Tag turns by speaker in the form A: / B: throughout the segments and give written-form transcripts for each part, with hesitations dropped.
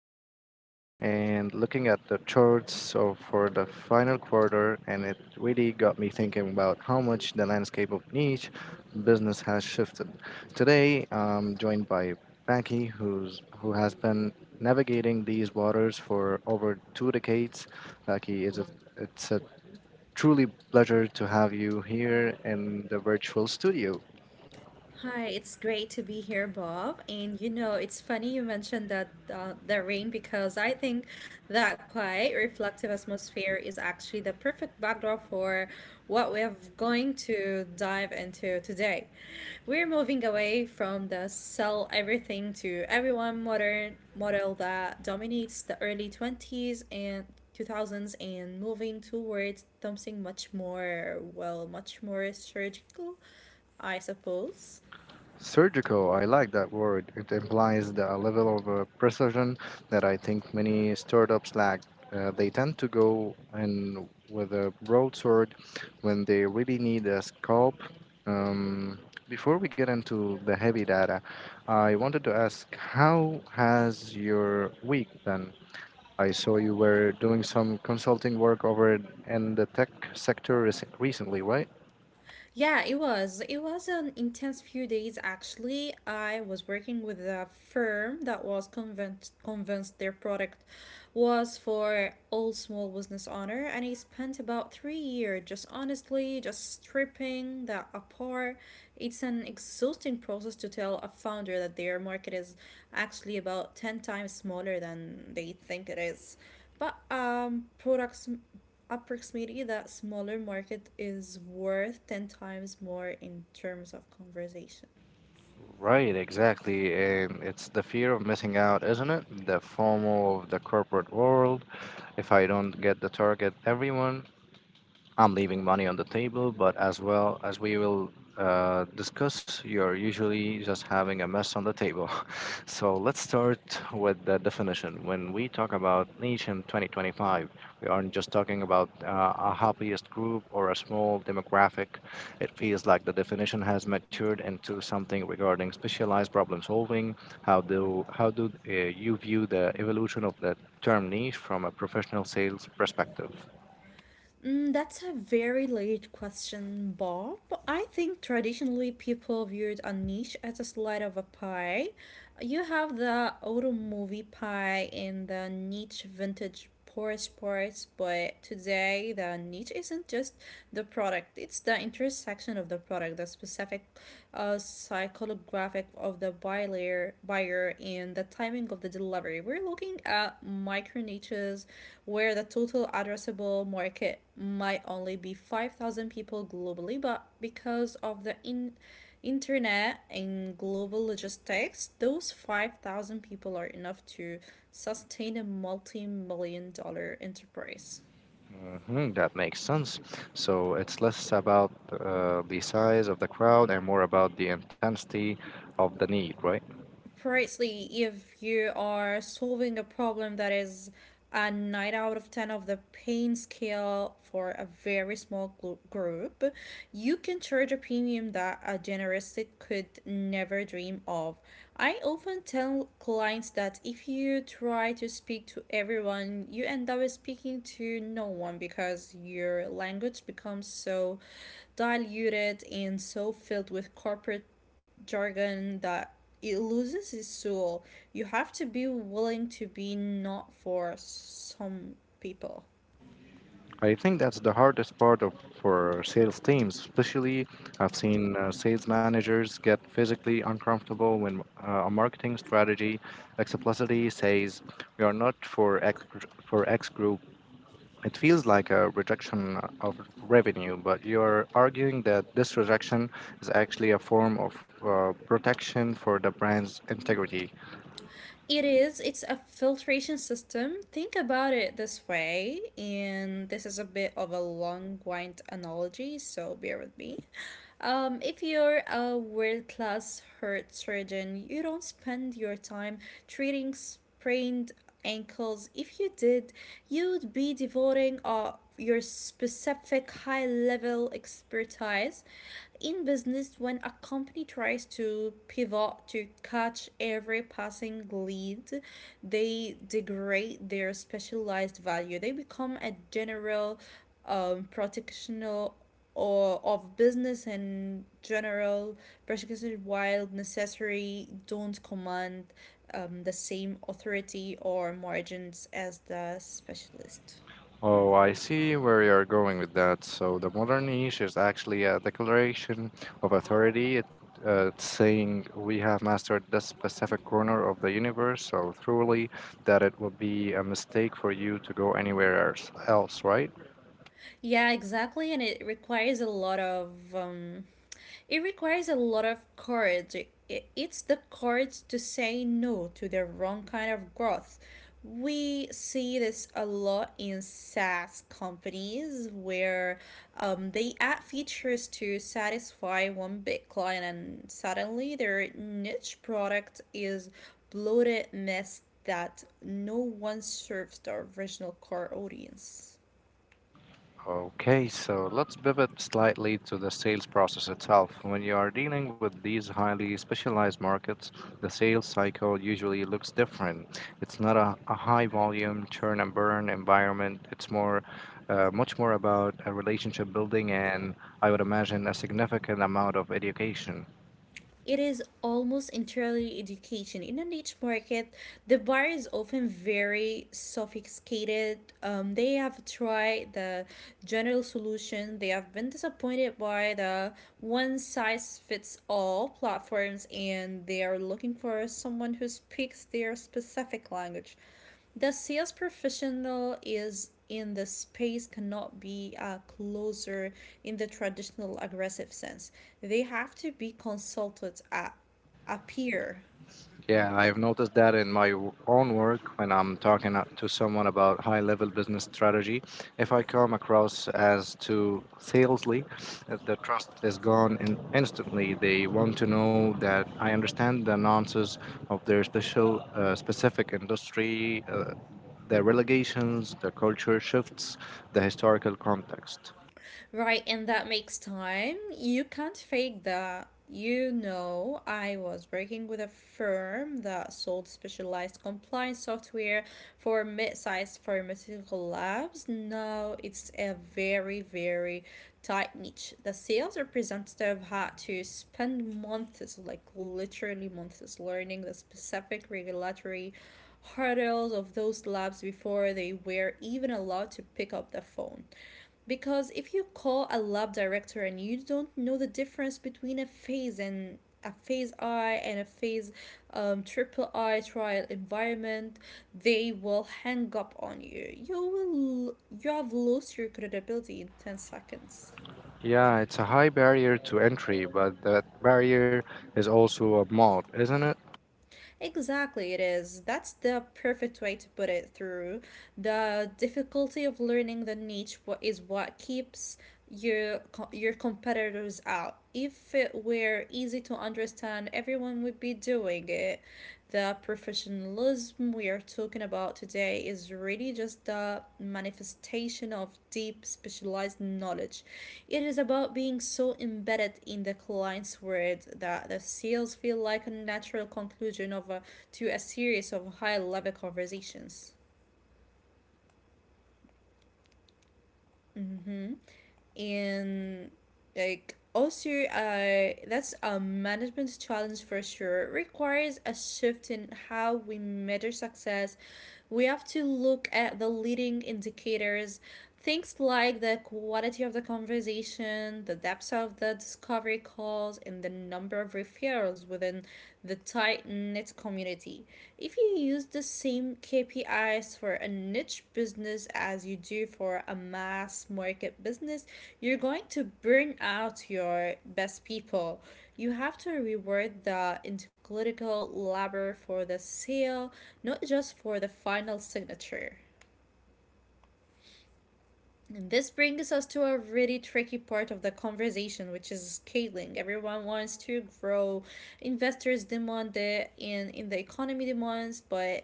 A: morning and looking at the charts so for the final quarter, and it really got me thinking about how much the landscape of niche business has shifted. Today, I'm joined by Becky, who has been navigating these waters for over 2 decades. Becky, it's a truly pleasure to have you here in the virtual studio.
B: Hi, it's great to be here, Bob. And you know, it's funny you mentioned that the rain, because I think that quiet, reflective atmosphere is actually the perfect backdrop for what we're going to dive into today. We're moving away from the sell everything to everyone modern model that dominates the early 20s and 2000s, and moving towards something much more, well, much more surgical, I suppose.
A: Surgical, I like that word. It implies the level of precision that I think many startups lack. They tend to go in with a broadsword when they really need a scope. Um, Before we get into the heavy data, I wanted to ask how has your week been? I saw you were doing some consulting work over in the tech sector recently, right?
B: Yeah, it was. It was an intense few days actually. I was working with a firm that was convinced their product was for all small business owner, and I spent about 3 years just honestly just stripping that apart. It's an exhausting process to tell a founder that their market is actually about 10 times smaller than they think it is. But products approximately that smaller market is worth 10 times more in terms of conversation?
A: Right, exactly. And it's the fear of missing out, isn't it? The FOMO of the corporate world. If I don't get the target, everyone I'm leaving money on the table, but as well as we will discuss, you're usually just having a mess on the table. So let's start with the definition. When we talk about niche in 2025, we aren't just talking about a hobbyist group or a small demographic. It feels like the definition has matured into something regarding specialized problem solving. How do you view the evolution of the term niche from a professional sales perspective?
B: That's a very late question, Bob. I think traditionally people viewed a niche as a slice of a pie. You have the autumn movie pie and the niche vintage Porsche parts, but today the niche isn't just the product, it's the intersection of the product, the specific psychographic of the buyer and the timing of the delivery. We're looking at micro niches where the total addressable market might only be 5,000 people globally, but because of the in internet and global logistics, those 5,000 people are enough to sustain a multi million dollar enterprise.
A: Mm, that makes sense. So it's less about the size of the crowd and more about the intensity of the need, right?
B: Precisely, if you are solving a problem that is a 9 out of 10 of the pain scale for a very small group, you can charge a premium that a generalist could never dream of. I often tell clients that if you try to speak to everyone, you end up speaking to no one, because your language becomes so diluted and so filled with corporate jargon that it loses its soul. You have to be willing to be not for some people.
A: I think that's the hardest part of for sales teams, especially I've seen sales managers get physically uncomfortable when a marketing strategy explicitly says we are not for X, for X group. It feels like a rejection of revenue, but you're arguing that this rejection is actually a form of protection for the brand's integrity.
B: It is, it's a filtration system. Think about it this way, and this is a bit of a long wind analogy, so bear with me. If you're a world class heart surgeon, you don't spend your time treating sprained ankles. If you did, you'd be devoting your specific high level expertise in business. When a company tries to pivot to catch every passing lead, they degrade their specialized value. They become a general protectional or of business in general, particularly while necessary, don't command the same authority or margins as the specialist.
A: Oh, I see where you're going with that. So the modern niche is actually a declaration of authority. It, it's saying we have mastered this specific corner of the universe so thoroughly that it would be a mistake for you to go anywhere else, right?
B: Yeah, exactly, and it requires a lot of it requires a lot of courage. It's the courage to say no to the wrong kind of growth. We see this a lot in SaaS companies where they add features to satisfy one big client, and suddenly their niche product is bloated mess that no one serves the original core audience.
A: Okay, so let's pivot slightly to the sales process itself. When you are dealing with these highly specialized markets, the sales cycle usually looks different. It's not a high volume churn and burn environment. It's much more about a relationship building and I would imagine a significant amount of education.
B: It is almost entirely education. In a niche market, the buyer is often very sophisticated. They have tried the general solution, they have been disappointed by the one size fits all platforms, and they are looking for someone who speaks their specific language. The sales professional is in the space cannot be closer in the traditional aggressive sense. They have to be consulted at a peer.
A: Yeah, I've noticed that in my own work when I'm talking to someone about high level business strategy. If I come across as too salesly, the trust is gone in instantly. They want to know that I understand the nuances of their specific industry, the relegations, the culture shifts, the historical context.
B: Right, and that makes time. You can't fake that. You know, I was working with a firm that sold specialized compliance software for mid sized pharmaceutical labs. Now it's a very, very tight niche. The sales representative had to spend months, like literally months, learning the specific regulatory hurdles of those labs before they were even allowed to pick up the phone. Because if you call a lab director and you don't know the difference between a phase and a phase I and a phase triple I trial environment, they will hang up on you. You will You have lost your credibility in 10 seconds.
A: Yeah, it's a high barrier to entry, but that barrier is also a mod, isn't it?
B: Exactly, it is. That's the perfect way to put it through. The difficulty of learning the niche is what keeps your competitors out. If it were easy to understand, everyone would be doing it. The professionalism we are talking about today is really just the manifestation of deep specialized knowledge. It is about being so embedded in the client's world that the sales feel like a natural conclusion of to a series of high level conversations. Mm-hmm. And like also that's a management challenge for sure. It requires a shift in how we measure success. We have to look at the leading indicators, things like the quality of the conversation, the depth of the discovery calls, and the number of referrals within the tight knit community. If you use the same KPIs for a niche business as you do for a mass market business, you're going to burn out your best people. You have to reward the interclinical labor for the seal, not just for the final signature. And this brings us to a really tricky part of the conversation, which is scaling. Everyone wants to grow, investors demand it, and in the economy demands. But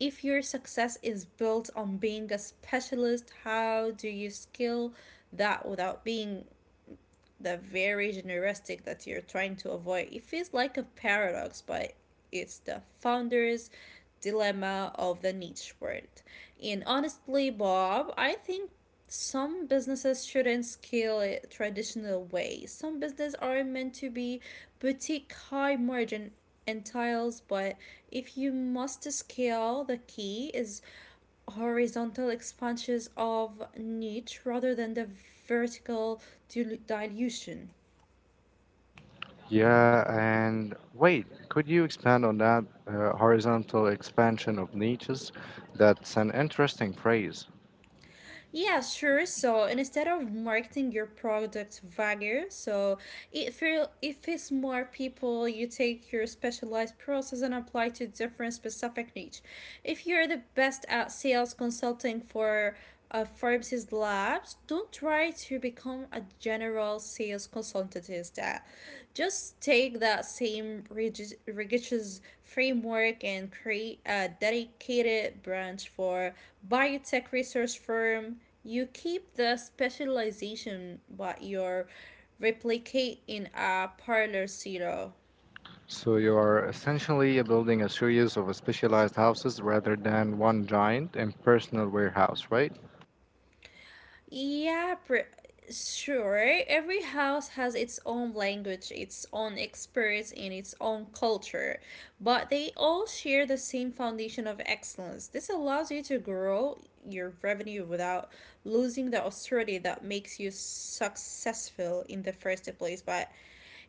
B: if your success is built on being a specialist, how do you scale that without being the very generistic that you're trying to avoid? It feels like a paradox, but it's the founder's dilemma of the niche world. And honestly, Bob, I think some businesses shouldn't scale it traditional way. Some business are meant to be boutique high margin entails, but if you must scale, the key is horizontal expansions of niche rather than the vertical dilution.
A: Yeah, and wait, could you expand on that horizontal expansion of niches? That's an interesting phrase.
B: Yeah, sure. So instead of marketing your product vaguer, so if it's more people, you take your specialized process and apply to different specific niche. If you're the best at sales consulting for Forbes' labs, don't try to become a general several sales consultants. That just take that same rigid, rigorous framework and create a dedicated branch for biotech research firm. You keep the specialization, but you're replicate in a parlor zero.
A: So you are essentially building a series of specialized houses rather than one giant impersonal warehouse, right?
B: Yeah, pre sure. Every house has its own language, its own experience, and its own culture, but they all share the same foundation of excellence. This allows you to grow your revenue without losing the austerity that makes you successful in the first place. But,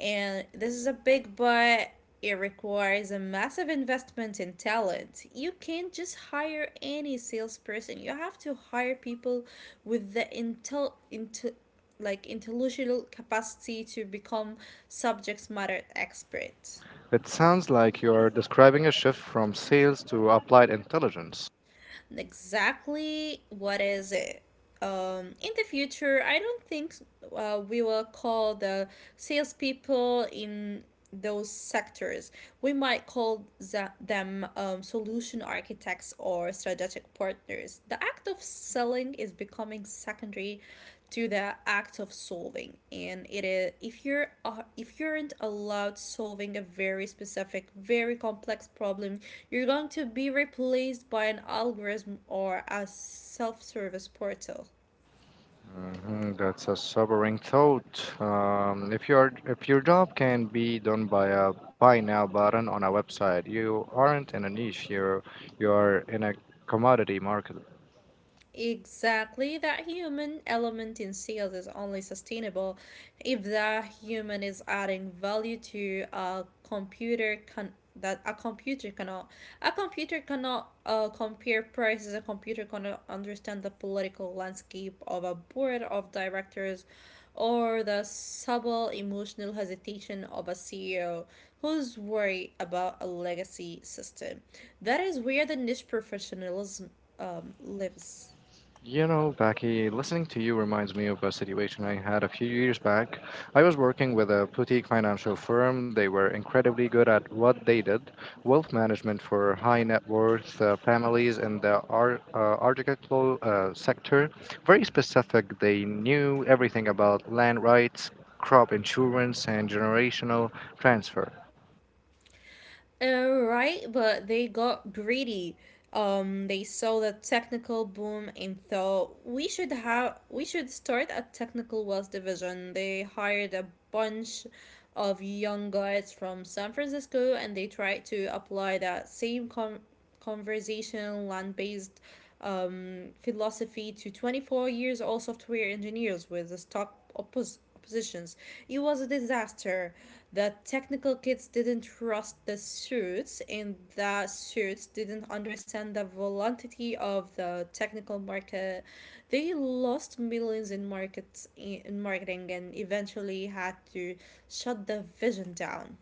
B: and this is a big but, it requires a massive investment in talent. You can't just hire any salesperson. You have to hire people with the intellectual capacity to become subject matter experts.
A: It sounds like you are describing a shift from sales to applied intelligence.
B: Exactly what is it. In the future, I don't think we will call the salespeople in those sectors. We might call them solution architects or strategic partners. The act of selling is becoming secondary to the act of solving. And it is, if you aren't allowed solving a very specific very complex problem, you're going to be replaced by an algorithm or a self-service portal.
A: Mhm, that's a sobering thought. If your job can be done by a buy now button on a website, you aren't in a niche. You are in a commodity market.
B: Exactly, that human element in sales is only sustainable if that human is adding value to a computer can that a computer cannot. A computer cannot compare prices. A computer cannot understand the political landscape of a board of directors, or the subtle emotional hesitation of a CEO who's worried about a legacy system. That is where the niche professionalism lives.
A: You know, Becky, listening to you reminds me of a situation I had a few years back. I was working with a boutique financial firm. They were incredibly good at what they did wealth management for high net worth families in the architectural sector. Very specific, they knew everything about land rights, crop insurance, and generational transfer.
B: Alright, but they got greedy. They saw the technical boom and thought we should start a technical wealth division. They hired a bunch of young guys from San Francisco, and they tried to apply that same conversation, land based philosophy to 24 years old software engineers with the stock positions. It was a disaster. The technical kids didn't trust the suits, and the suits didn't understand the volatility of the technical market. They lost millions in markets in marketing, and eventually had to shut the vision down.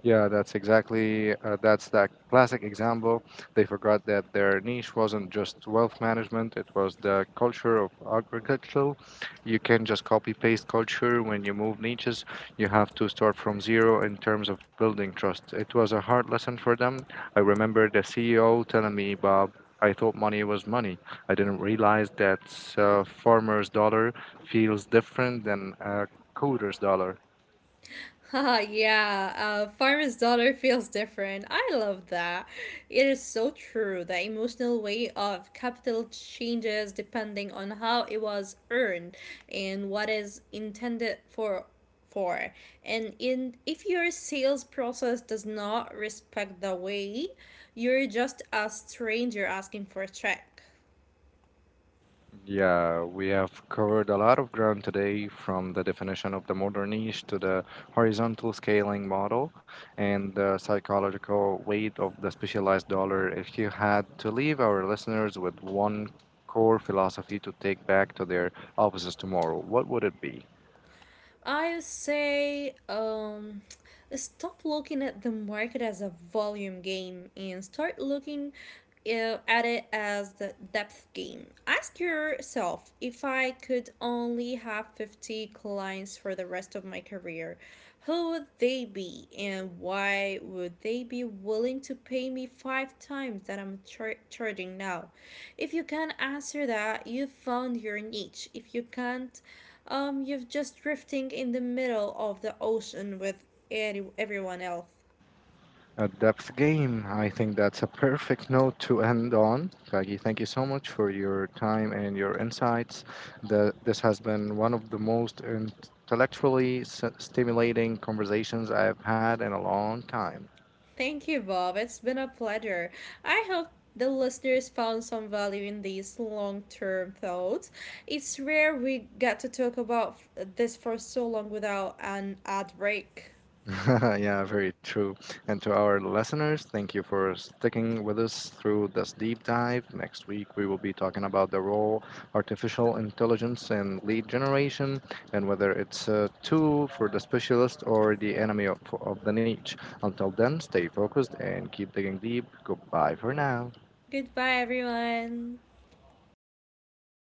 A: Yeah, that's that classic example. They forgot that their niche wasn't just wealth management; it was the culture of agricultural. You can just copy paste culture when you move niches. You have to start from zero in terms of building trust. It was a hard lesson for them. I remember the CEO telling me, "Bob, I thought money was money. I didn't realize that a farmer's dollar feels different than a coder's dollar."
B: Haha, yeah, Farmer's Daughter feels different. I love that. It is so true. The emotional weight of capital changes depending on how it was earned and what is intended for. And in if your sales process does not respect the weight, you're just a stranger asking for a check.
A: Yeah, we have covered a lot of ground today from the definition of the modern niche to the horizontal scaling model and the psychological weight of the specialized dollar. If you had to leave our listeners with one core philosophy to take back to their offices tomorrow, what would it be?
B: I say stop looking at the market as a volume game, and start looking at it as the depth game. Ask yourself, if I could only have 50 clients for the rest of my career, who would they be and why would they be willing to pay me five times that I'm charging now? If you can answer that, you found your niche. If you can't, you're just drifting in the middle of the ocean with everyone else.
A: A depth game. I think that's a perfect note to end on. Kagi, thank you so much for your time and your insights. This has been one of the most intellectually stimulating conversations I've had in a long time.
B: Thank you, Bob. It's been a pleasure. I hope the listeners found some value in these long term thoughts. It's rare we get to talk about this for so long without an ad break.
A: Yeah, very true. And to our listeners, thank you for sticking with us through this deep dive. Next week, we will be talking about the role artificial intelligence in lead generation and whether it's a tool for the specialist or the enemy of the niche. Until then, stay focused and keep digging deep. Goodbye for now.
B: Goodbye, everyone.